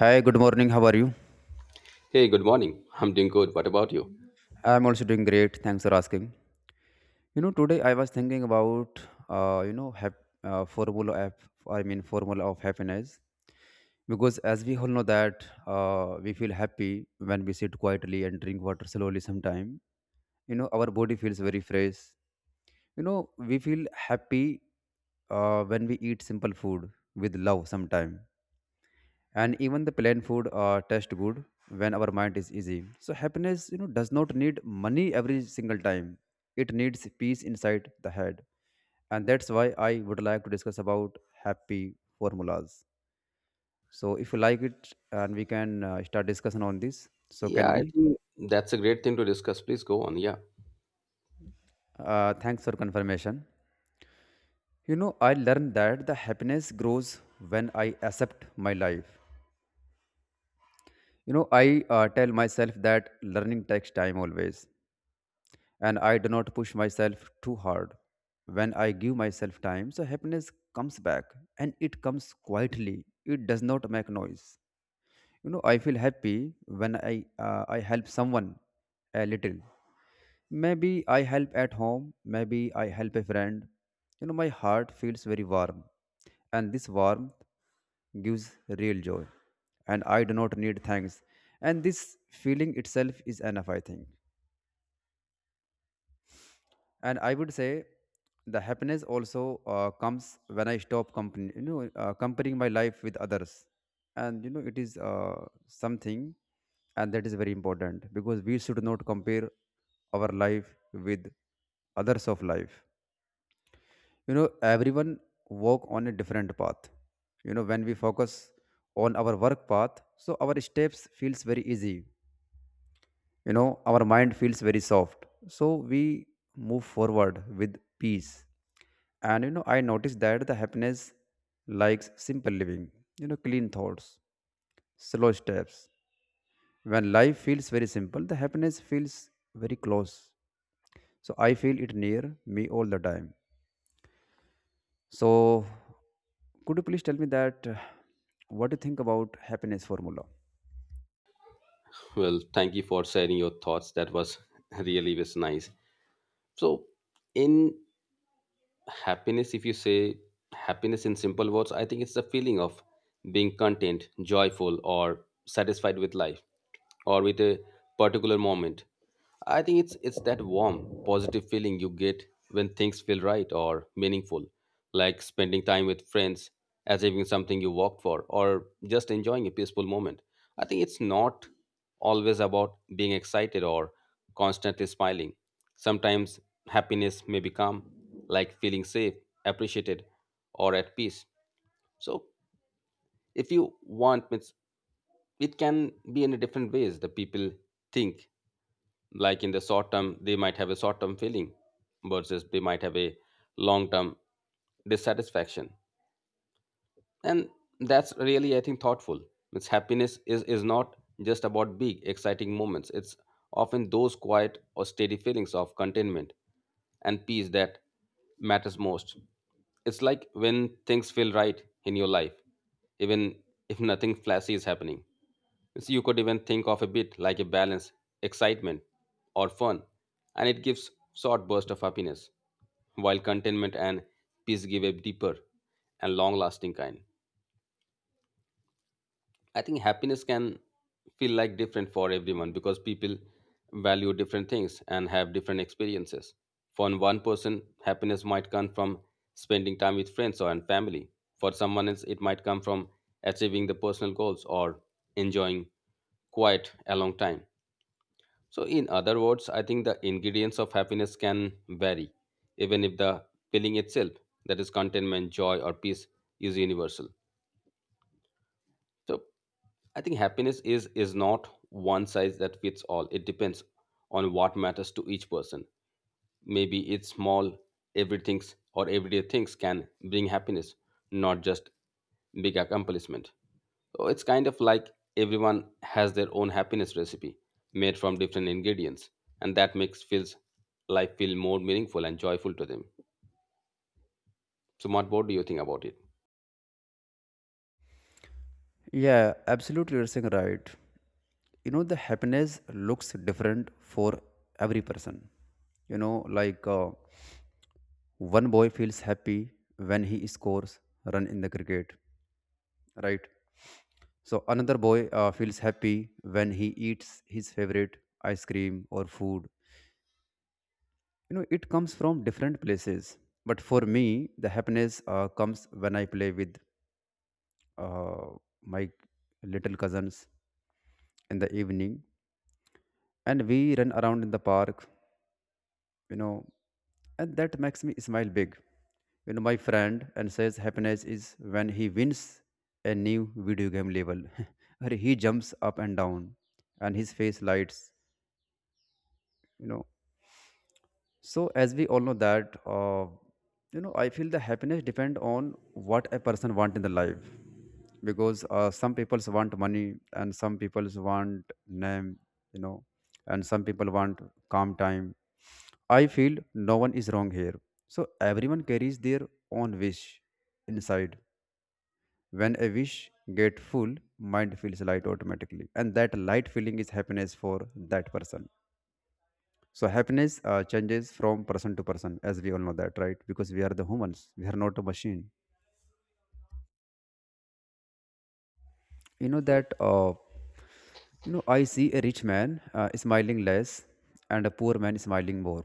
Hi, good morning. How are you? Hey, good morning. I'm doing good. What about you? I'm also doing great. Thanks for asking. Today I was thinking about formula of formula of happiness because as we all know that we feel happy when we sit quietly and drink water slowly. Sometime our body feels very fresh. We feel happy when we eat simple food with love. Sometime and even the plain food tastes good when our mind is easy, so happiness does not need money every single time. It needs peace inside the head, and that's why I would like to discuss about happy formulas. So if you like it, and we can start discussion on this. So Yeah, can I we? think that's a great thing to discuss. Please go on. Yeah. Thanks for confirmation. I learned that the happiness grows when I accept my life. I tell myself that learning takes time always, and I do not push myself too hard. When I give myself time, so happiness comes back, and it comes quietly. It does not make noise. You know, I feel happy when I help someone a little. Maybe I help at home, maybe I help a friend. You know, my heart feels very warm, and this warmth gives real joy, and I do not need thanks. And this feeling itself is enough, I think. And I would say the happiness also comes when I stop company you know comparing my life with others. And you know, it is something, and that is very important because we should not compare our life with others of life. You know, everyone walk on a different path. You know, when we focus on our work path, so our steps feels very easy. You know, our mind feels very soft, so we move forward with peace. And you know, I noticed that the happiness likes simple living, you know, clean thoughts, slow steps. When life feels very simple, the happiness feels very close, so I feel it near me all the time. So could you please tell me that what do you think about happiness formula? Well, thank you for sharing your thoughts. That was really was nice. So, in happiness, if you say happiness in simple words, I think it's the feeling of being content, joyful, or satisfied with life or with a particular moment. I think it's that warm, positive feeling you get when things feel right or meaningful, like spending time with friends, achieving something you worked for, or just enjoying a peaceful moment. I think it's not always about being excited or constantly smiling. Sometimes happiness may be calm, like feeling safe, appreciated, or at peace. So if you want, it can be in a different ways. The people think like in the short term they might have a short term feeling versus they might have a long term dissatisfaction, and that's really, I think, thoughtful. It's happiness is not just about big exciting moments. It's often those quiet or steady feelings of contentment and peace that matters most. It's like when things feel right in your life, even if nothing flashy is happening. So you could even think of a bit like a balance, excitement or fun, and it gives short burst of happiness, while contentment and peace give a deeper and long lasting kind. I think happiness can feel like different for everyone because people value different things and have different experiences. For one person, happiness might come from spending time with friends or and family. For someone else, it might come from achieving the personal goals or enjoying quiet a long time. So, in other words, I think the ingredients of happiness can vary, even if the feeling itself, that is contentment, joy, or peace, is universal. So, I think happiness is not one size that fits all. It depends on what matters to each person. Maybe it's small everything's or everyday things can bring happiness, not just big accomplishment. So it's kind of like everyone has their own happiness recipe made from different ingredients, and that makes feels life feel more meaningful and joyful to them. So Matt, what do you think about it? Yeah, absolutely, you're saying right. You know, the happiness looks different for every person. You know, like one boy feels happy when he scores run in the cricket, right? So another boy feels happy when he eats his favorite ice cream or food. You know, it comes from different places. But for me, the happiness comes when I play with uh, my little cousins in the evening, and we run around in the park, you know, and that makes me smile big. You know, my friend and says happiness is when he wins a new video game level or he jumps up and down and his face lights, you know. So as we all know that I feel the happiness depend on what a person want in the life, because some people want money and some people want name, you know, and some people want calm time. I feel no one is wrong here, so everyone carries their own wish inside. When a wish get full, mind feels light automatically, and that light feeling is happiness for that person. So happiness changes from person to person, as we all know that, right? Because we are the humans, we are not a machine. You know that. You know, I see a rich man smiling less and a poor man smiling more,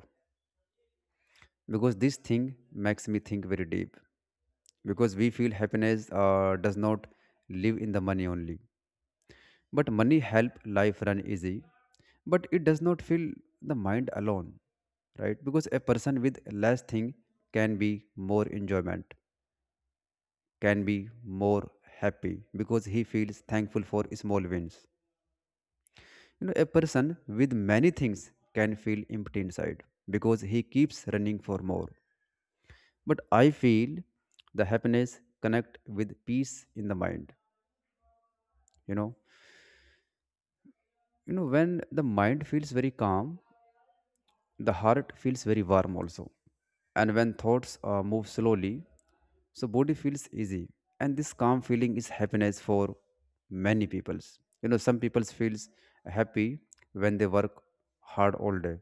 because this thing makes me think very deep. Because we feel happiness does not live in the money only, but money help life run easy, but it does not fill the mind alone, right? Because a person with less thing can be more enjoyment, can be more happy, because he feels thankful for small wins. You know, a person with many things can feel empty inside because he keeps running for more. But I feel the happiness connect with peace in the mind. You know, you know, when the mind feels very calm, the heart feels very warm also. And when thoughts move slowly, so body feels easy. And this calm feeling is happiness for many peoples. You know, some peoples feels happy when they work hard all day.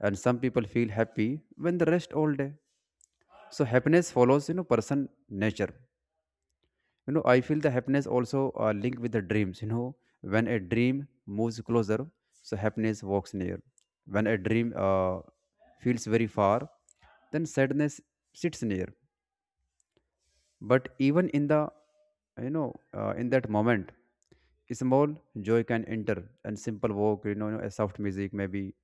And some people feel happy when they rest all day. So happiness follows, you know, person nature. You know, I feel the happiness also linked with the dreams. You know, when a dream moves closer, so happiness walks near. When a dream feels very far, then sadness sits near. But even in the in that moment, small joy can enter, and simple walk, you know, a soft music maybe,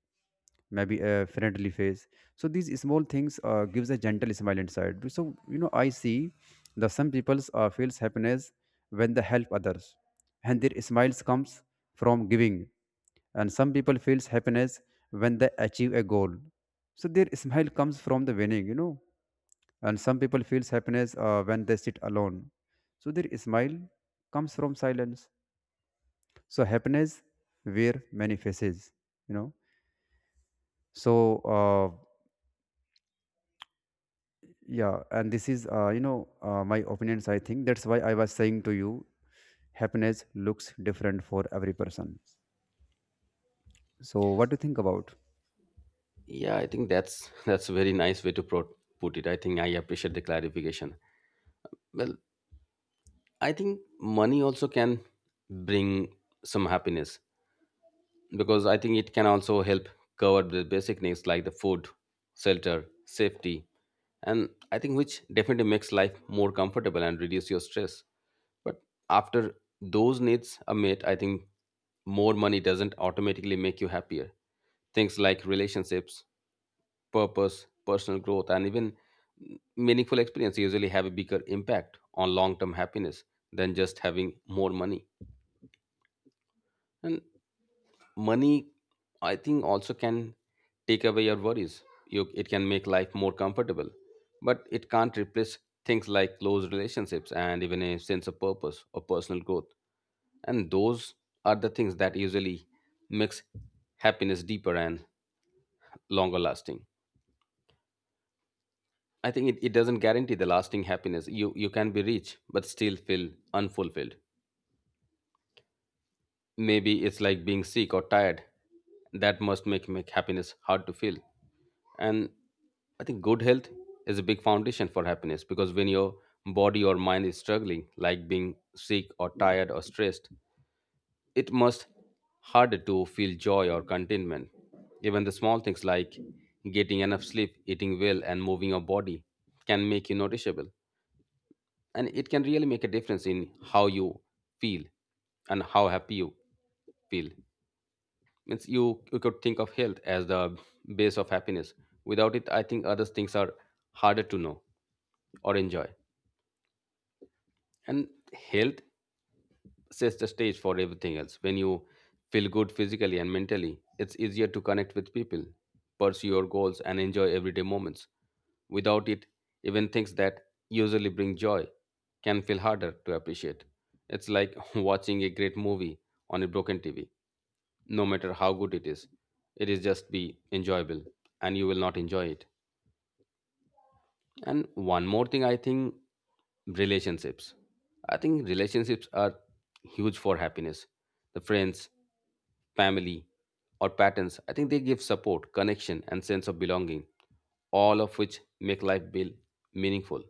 maybe a friendly face. So these small things gives a gentle smile inside. So you know, I see that some people feels happiness when they help others, and their smiles comes from giving. And some people feels happiness when they achieve a goal, so their smile comes from the winning, you know. And some people feels happiness when they sit alone, so their smile comes from silence. So happiness wear many faces, you know. So uh, yeah, and this is my opinions, I think. That's why I was saying to you, happiness looks different for every person. So what do you think about? Yeah, I think that's that's a very nice way to put it. I think I appreciate the clarification. Well, I think money also can bring some happiness because I think it can also help cover the basic needs like the food, shelter, safety, and I think which definitely makes life more comfortable and reduce your stress. But after those needs are met, I think more money doesn't automatically make you happier. Things like relationships, purpose, personal growth, and even meaningful experience usually have a bigger impact on long term happiness than just having more money. And money, I think, also can take away your worries. You, it can make life more comfortable, but it can't replace things like close relationships and even a sense of purpose or personal growth, and those are the things that usually makes happiness deeper and longer lasting. I think it doesn't guarantee the lasting happiness. You can be rich but still feel unfulfilled. Maybe it's like being sick or tired. That must make happiness hard to feel. And I think good health is a big foundation for happiness because when your body or mind is struggling, like being sick or tired or stressed, it must harder to feel joy or contentment. Even the small things like getting enough sleep, eating well, and moving your body can make you noticeable. And it can really make a difference in how you feel and how happy you feel means you, you could think of health as the base of happiness. Without it, I think other things are harder to know or enjoy. And health sets the stage for everything else. When you feel good physically and mentally, it's easier to connect with people, pursue your goals, and enjoy everyday moments. Without it, even things that usually bring joy can feel harder to appreciate. It's like watching a great movie on a broken TV. No matter how good it is, it is just be enjoyable, and you will not enjoy it. And one more thing, I think relationships, I think relationships are huge for happiness. The friends, family, or patterns, I think they give support, connection, and sense of belonging, all of which make life feel meaningful.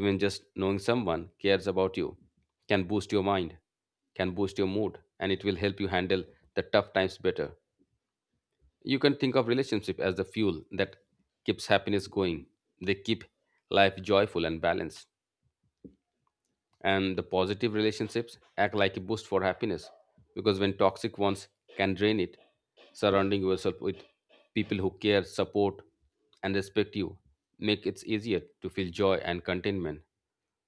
Even just knowing someone cares about you can boost your mind, can boost your mood, and it will help you handle the tough times better. You can think of relationship as the fuel that keeps happiness going. They keep life joyful and balanced. And the positive relationships act like a boost for happiness because when toxic ones can drain it, surrounding yourself with people who care, support, and respect you make it easier to feel joy and contentment.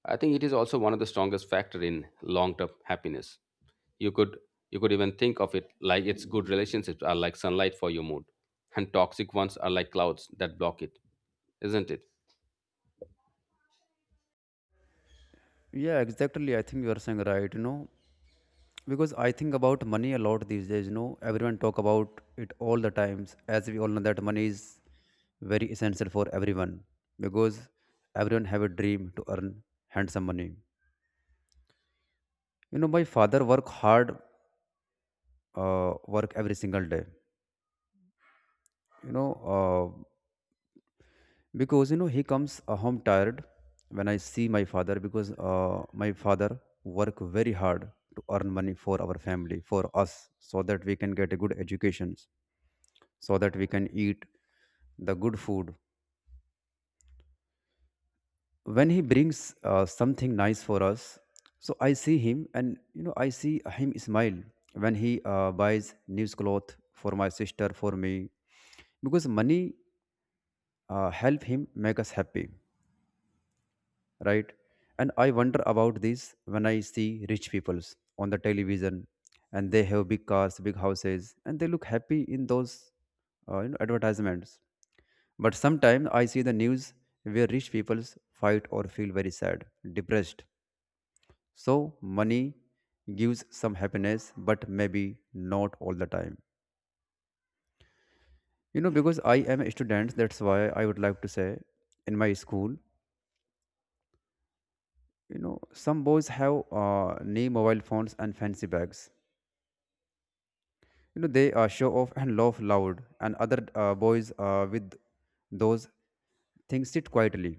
I think it is also one of the strongest factor in long-term happiness. You could you could even think of it like its good relationships are like sunlight for your mood, and toxic ones are like clouds that block it, isn't it? Yeah, exactly, I think you are saying right, you know. Because I think about money a lot these days. You know, everyone talk about it all the times. As we all know that money is very essential for everyone, because everyone have a dream to earn handsome money. You know, my father work hard, work every single day. you know uh, because you know, he comes home tired. When I see my father, because my father work very hard to earn money for our family, for us, so that we can get a good education, so that we can eat the good food. When he brings something nice for us, so I see him, and you know, I see him smile when he buys new clothes for my sister, for me, because money help him make us happy, right? And I wonder about this when I see rich peoples on the television, and they have big cars, big houses, and they look happy in those, advertisements. But sometimes I see the news where rich peoples fight or feel very sad, depressed. So, money gives some happiness, but maybe not all the time. You know, because I am a student, that's why I would like to say in my school, you know, some boys have new mobile phones and fancy bags. You know, they show off and laugh loud, and other boys with those things sit quietly.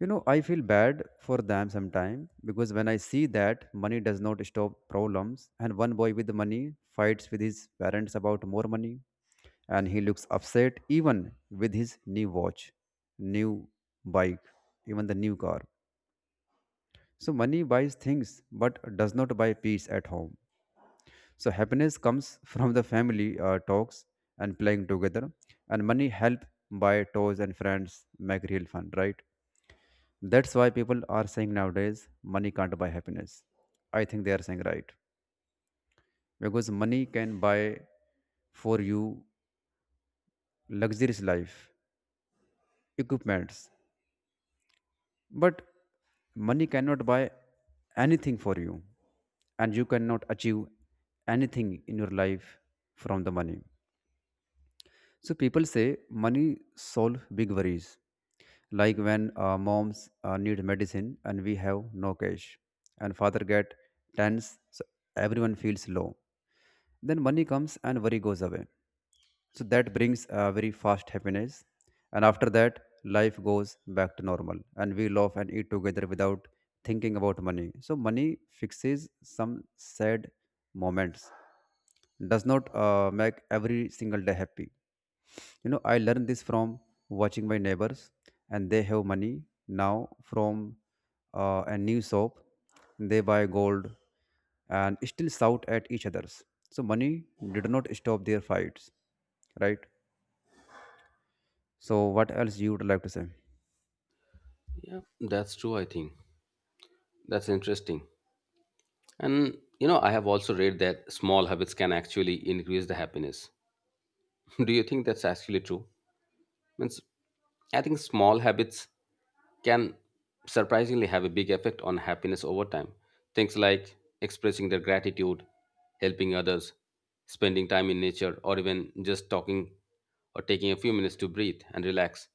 You know, I feel bad for them sometimes, because when I see that money does not stop problems, and one boy with money fights with his parents about more money, and he looks upset even with his new watch, new bike, even the new car. So, money buys things but does not buy peace at home. So, happiness comes from the family talks and playing together, and money help buy toys, and friends make real fun, right? That's why people are saying nowadays, money can't buy happiness. I think they are saying right. Because money can buy for you luxurious life, equipments, but money cannot buy anything for you. And you cannot achieve anything in your life from the money. So people say money solve big worries, like when moms need medicine and we have no cash, and father get tense, so everyone feels low. Then money comes and worry goes away. So that brings a very fast happiness, and after that life goes back to normal, and we laugh and eat together without thinking about money. So money fixes some sad moments, does not make every single day happy. You know, I learned this from watching my neighbors, and they have money now from a new shop. They buy gold and still shout at each others. So money did not stop their fights, right? So what else you would like to say? Yeah, that's true. I think that's interesting. And you know, I have also read that small habits can actually increase the happiness. Do you think that's actually true? Means I think small habits can surprisingly have a big effect on happiness over time. Things like expressing their gratitude, helping others, spending time in nature, or even just talking or taking a few minutes to breathe and relax.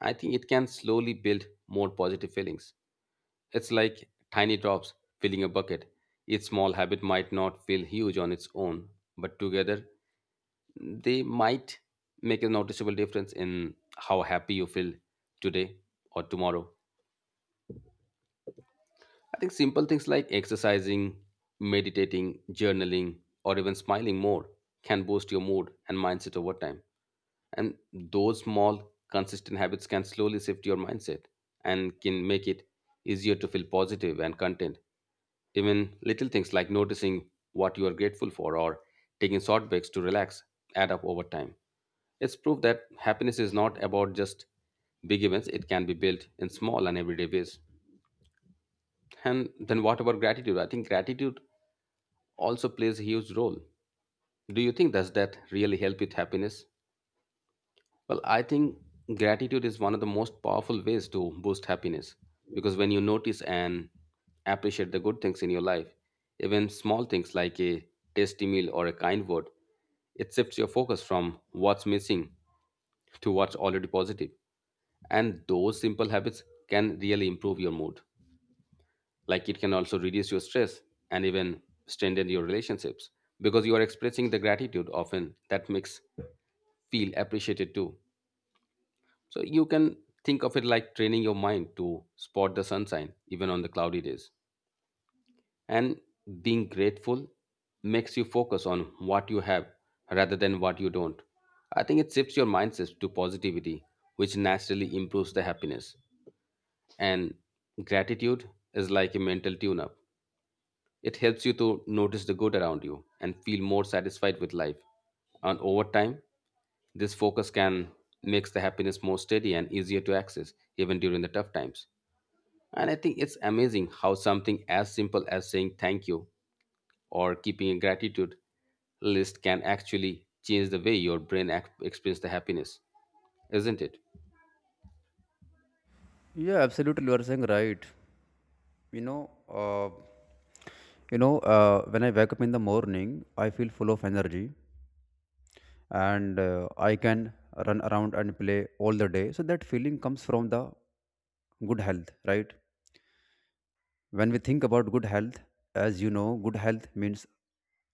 I think it can slowly build more positive feelings. It's like tiny drops filling a bucket. Each small habit might not feel huge on its own, but together they might make a noticeable difference in how happy you feel today or tomorrow. I think simple things like exercising, meditating, journaling, or even smiling more can boost your mood and mindset over time. And those small, consistent habits can slowly shift your mindset and can make it easier to feel positive and content. Even little things like noticing what you are grateful for or taking short breaks to relax add up over time. It's proof that happiness is not about just big events. It can be built in small and everyday ways. And then what about gratitude? I think gratitude also plays a huge role. Do you think does that really help with happiness? Well, I think gratitude is one of the most powerful ways to boost happiness because when you notice and appreciate the good things in your life, even small things like a tasty meal or a kind word, it shifts your focus from what's missing to what's already positive. And those simple habits can really improve your mood. Like it can also reduce your stress and even strengthen your relationships because you are expressing the gratitude often that makes feel appreciated too. So you can think of it like training your mind to spot the sunshine even on the cloudy days. And being grateful makes you focus on what you have rather than what you don't. I think it shifts your mindset to positivity, which naturally improves the happiness. And gratitude is like a mental tune up. It helps you to notice the good around you and feel more satisfied with life. And over time, this focus can makes the happiness more steady and easier to access even during the tough times. And I think it's amazing how something as simple as saying thank you or keeping a gratitude list can actually change the way your brain experiences the happiness, isn't it? Yeah, absolutely, you are saying right. You know, uh, you know, when I wake up in the morning, I feel full of energy, and I can run around and play all the day. So that feeling comes from the good health, right? When we think about good health, as you know, good health means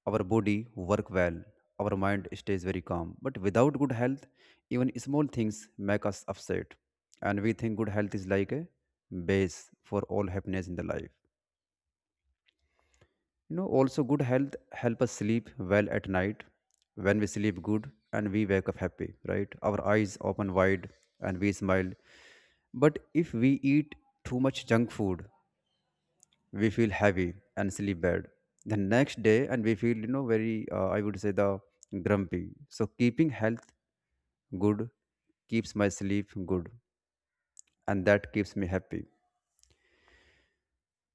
our body work well, our mind stays very calm. But without good health, even small things make us upset, and we think good health is like a base for all happiness in the life. You know, also good health help us sleep well at night. When we sleep good and we wake up happy, right? Our eyes open wide and we smile. But if we eat too much junk food, we feel heavy and sleep bad. The next day and we feel, you know, very I would say the grumpy. So keeping health good keeps my sleep good and that keeps me happy.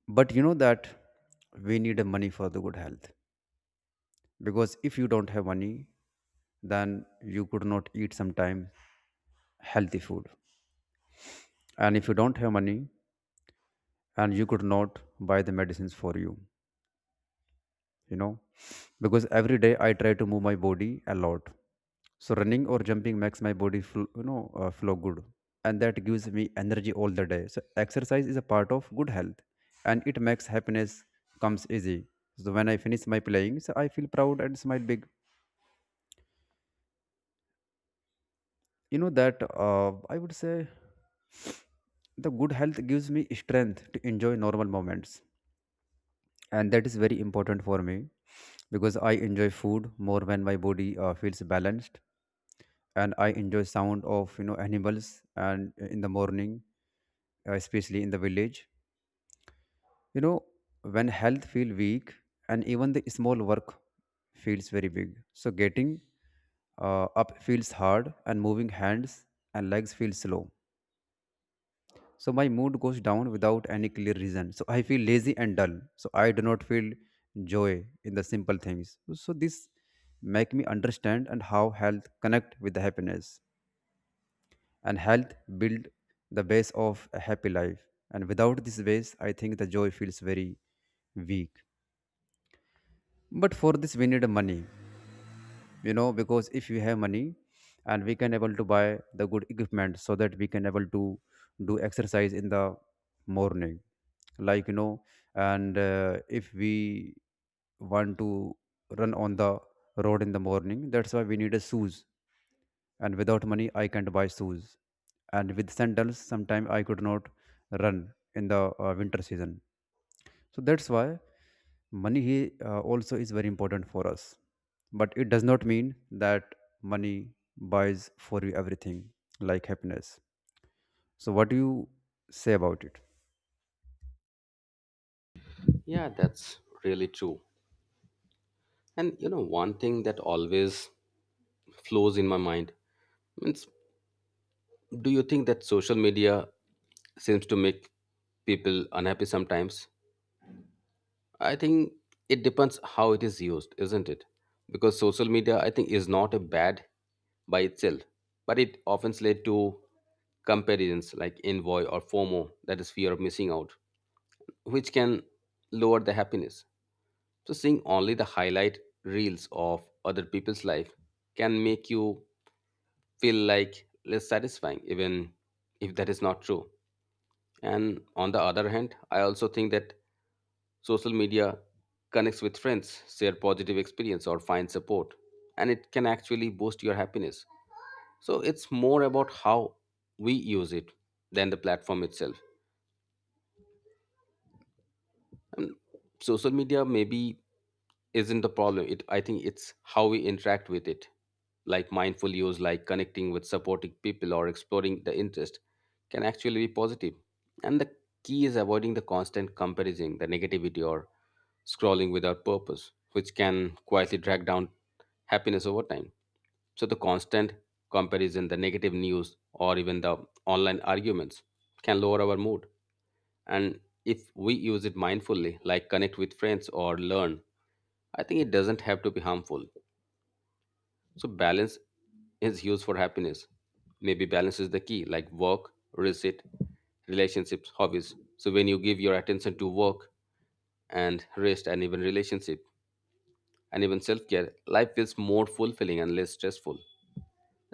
But you know that we need a money for the good health, because if you don't have money then you could not eat sometimes healthy food, and if you don't have money and you could not buy the medicines for you, you know, because every day I try to move my body a lot. So running or jumping makes my body feel, flow good, and that gives me energy all the day. So exercise is a part of good health and it makes happiness comes easy. So when I finish my playing, so I feel proud and smile big. You know that I would say the good health gives me strength to enjoy normal moments, and that is very important for me. Because I enjoy food more when my body feels balanced, and I enjoy sound of, you know, animals and in the morning, especially in the village, you know. When health feel weak and even the small work feels very big, so getting up feels hard, and moving hands and legs feel slow. So my mood goes down without any clear reason. So I feel lazy and dull. So I do not feel joy in the simple things. So this make me understand and how health connect with the happiness, and health build the base of a happy life. And without this base, I think the joy feels very weak. But for this, we need money. You know, because if we have money, and we can able to buy the good equipment, so that we can able to do exercise in the morning, like, you know, and if we want to run on the road in the morning, that's why we need a shoes. And without money I can't buy shoes, and with sandals sometimes I could not run in the winter season. So that's why money also is very important for us. But it does not mean that money buys for you everything like happiness. So what do you say about it? Yeah, that's really true. And you know, one thing that always flows in my mind. Means, do you think that social media seems to make people unhappy sometimes? I think it depends how it is used, isn't it? Because social media, I think, is not a bad by itself, but it often leads to comparisons like envy or FOMO, that is fear of missing out, which can lower the happiness. So seeing only the highlight reels of other people's life can make you feel like less satisfying, even if that is not true. And on the other hand, I also think that social media connects with friends, share positive experience, or find support, and it can actually boost your happiness. So it's more about how we use it than the platform itself. And social media may be isn't the problem. It, I think it's how we interact with it, like mindful use, like connecting with supporting people or exploring the interest, can actually be positive. And the key is avoiding the constant comparison, the negativity, or scrolling without purpose, which can quietly drag down happiness over time. So the constant comparison, the negative news, or even the online arguments can lower our mood. And if we use it mindfully, like connect with friends or learn, I think it doesn't have to be harmful. So balance is used for happiness. Maybe balance is the key, like work, receipt, relationships, hobbies. So when you give your attention to work and rest and even relationship and even self-care, life feels more fulfilling and less stressful.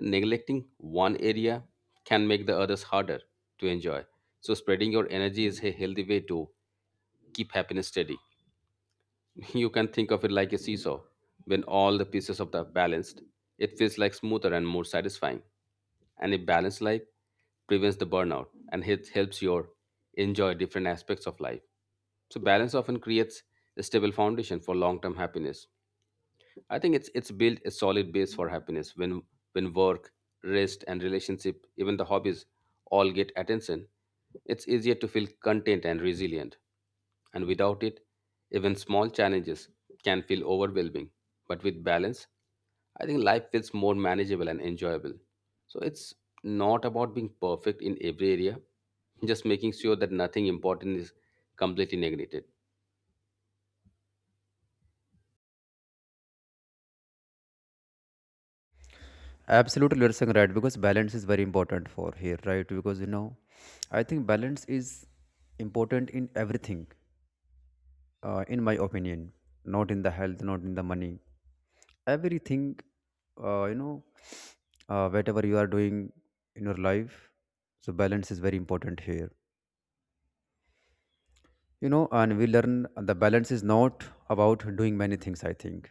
Neglecting one area can make the others harder to enjoy. So spreading your energy is a healthy way to keep happiness steady. You can think of it like a seesaw. When all the pieces of the balanced, it feels like smoother and more satisfying. And a balanced life prevents the burnout, and it helps you enjoy different aspects of life. So balance often creates a stable foundation for long-term happiness. I think it's built a solid base for happiness when work, rest, and relationship, even the hobbies, all get attention. It's easier to feel content and resilient. And without it, even small challenges can feel overwhelming. But with balance, I think life feels more manageable and enjoyable. So it's not about being perfect in every area, just making sure that nothing important is completely neglected. Absolutely, you're saying right, because balance is very important for here, right? Because, you know, I think balance is important in everything, in my opinion. Not in the health, not in the money, everything. uh, you know Whatever you are doing in your life, so balance is very important here, you know. And we learn the balance is not about doing many things, I think.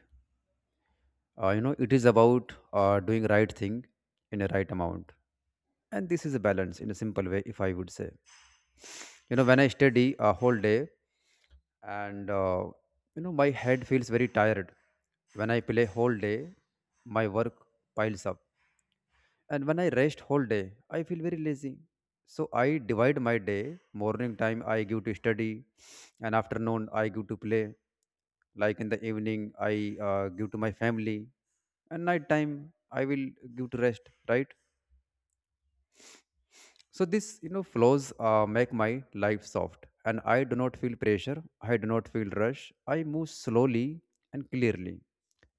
It is about doing right thing in a right amount, and this is a balance in a simple way, if I would say. You know, when I study a whole day, and you know my head feels very tired. When I play whole day, my work piles up. And when I rest whole day, I feel very lazy. So I divide my day: morning time I give to study, and afternoon I give to play, like in the evening I give to my family, and night time I will give to rest, right? So this, you know, flows make my life soft, and I do not feel pressure, I do not feel rush, I move slowly and clearly,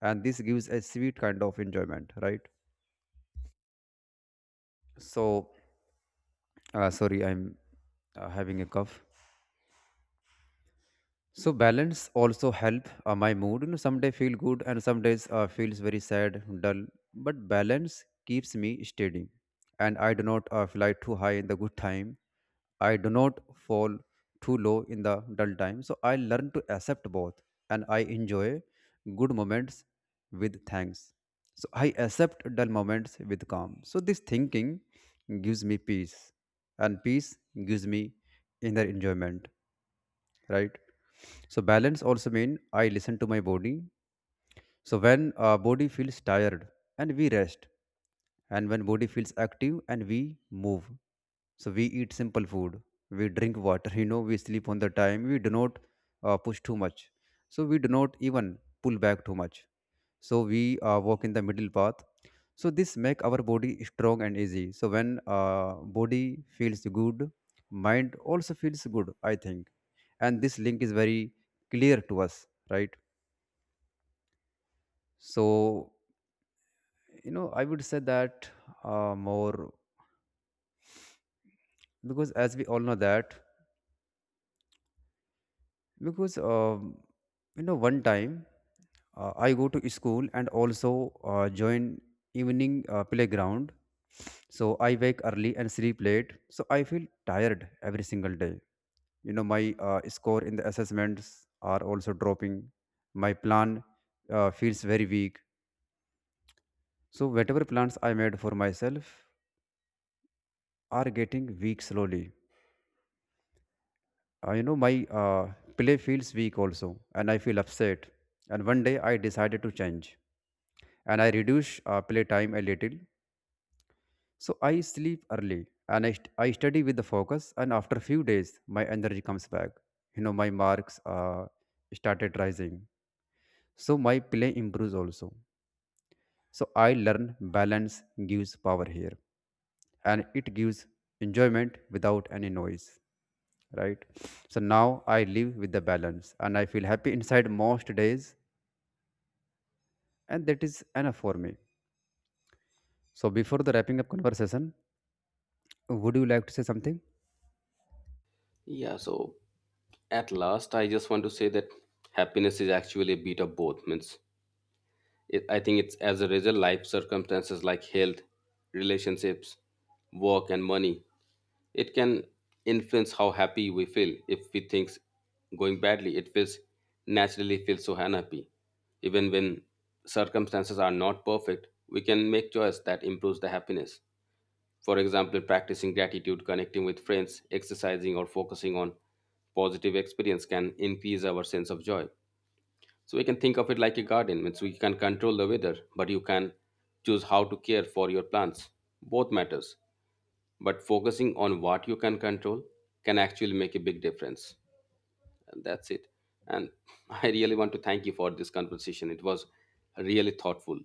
and this gives a sweet kind of enjoyment, right? So sorry, I'm having a cough. So balance also help my mood. You know, some day feel good and some days feels very sad, dull. But balance keeps me steady, and I do not fly too high in the good time. I do not fall too low in the dull time. So I learn to accept both, and I enjoy good moments with thanks. So I accept dull moments with calm. So this thinking gives me peace, and peace gives me inner enjoyment, right? So balance also mean I listen to my body. So when body feels tired and we rest, and when body feels active and we move. So we eat simple food, we drink water, you know, we sleep on the time, we do not push too much. So we do not even pull back too much, so we walk in the middle path. So this make our body strong and easy. So when body feels good, mind also feels good, I think, and this link is very clear to us, right? So, you know, I would say that more, because as we all know that, because you know one time I go to school and also join evening playground. So I wake early and sleep late, so I feel tired every single day. You know, my score in the assessments are also dropping. My plan feels very weak, so whatever plans I made for myself are getting weak slowly. My uh, play feels weak also, and I feel upset. And one day I decided to change, and I reduce play time a little. So I sleep early, and I study with the focus. And after few days, my energy comes back. You know, my marks started rising. So my play improves also. So I learn balance gives power here, and it gives enjoyment without any noise. Right. So now I live with the balance and I feel happy inside most days. And that is enough for me. So before the wrapping up conversation, would you like to say something? Yeah, so at last, I just want to say that happiness is actually a bit of both. Means it, I think it's as a result, life circumstances like health, relationships, work, and money. It can influence how happy we feel. If we things going badly, it feels naturally feels so unhappy. Even when circumstances are not perfect, we can make choice that improves the happiness. For example, practicing gratitude, connecting with friends, exercising, or focusing on positive experience can increase our sense of joy. So we can think of it like a garden, means we can control the weather, but you can choose how to care for your plants. Both matters, but focusing on what you can control can actually make a big difference. And that's it. And I really want to thank you for this conversation. It was really thoughtful.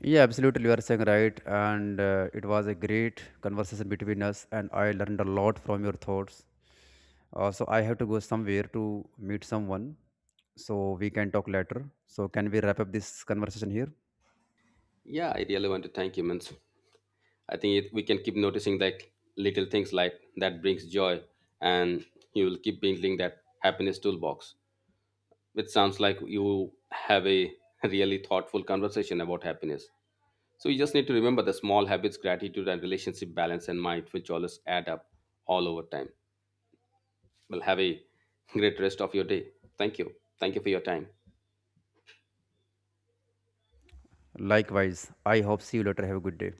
Yeah, absolutely. You are saying right. And it was a great conversation between us, and I learned a lot from your thoughts. So I have to go somewhere to meet someone. So we can talk later. So can we wrap up this conversation here? Yeah, I really want to thank you, Mans. I think it, we can keep noticing like little things like that brings joy, and you will keep building that happiness toolbox. It sounds like you have a really thoughtful conversation about happiness. So you just need to remember the small habits, gratitude, and relationship, balance, and mindful choices add up all over time. Well, have a great rest of your day. Thank you. Thank you for your time. Likewise. I hope see you later. Have a good day.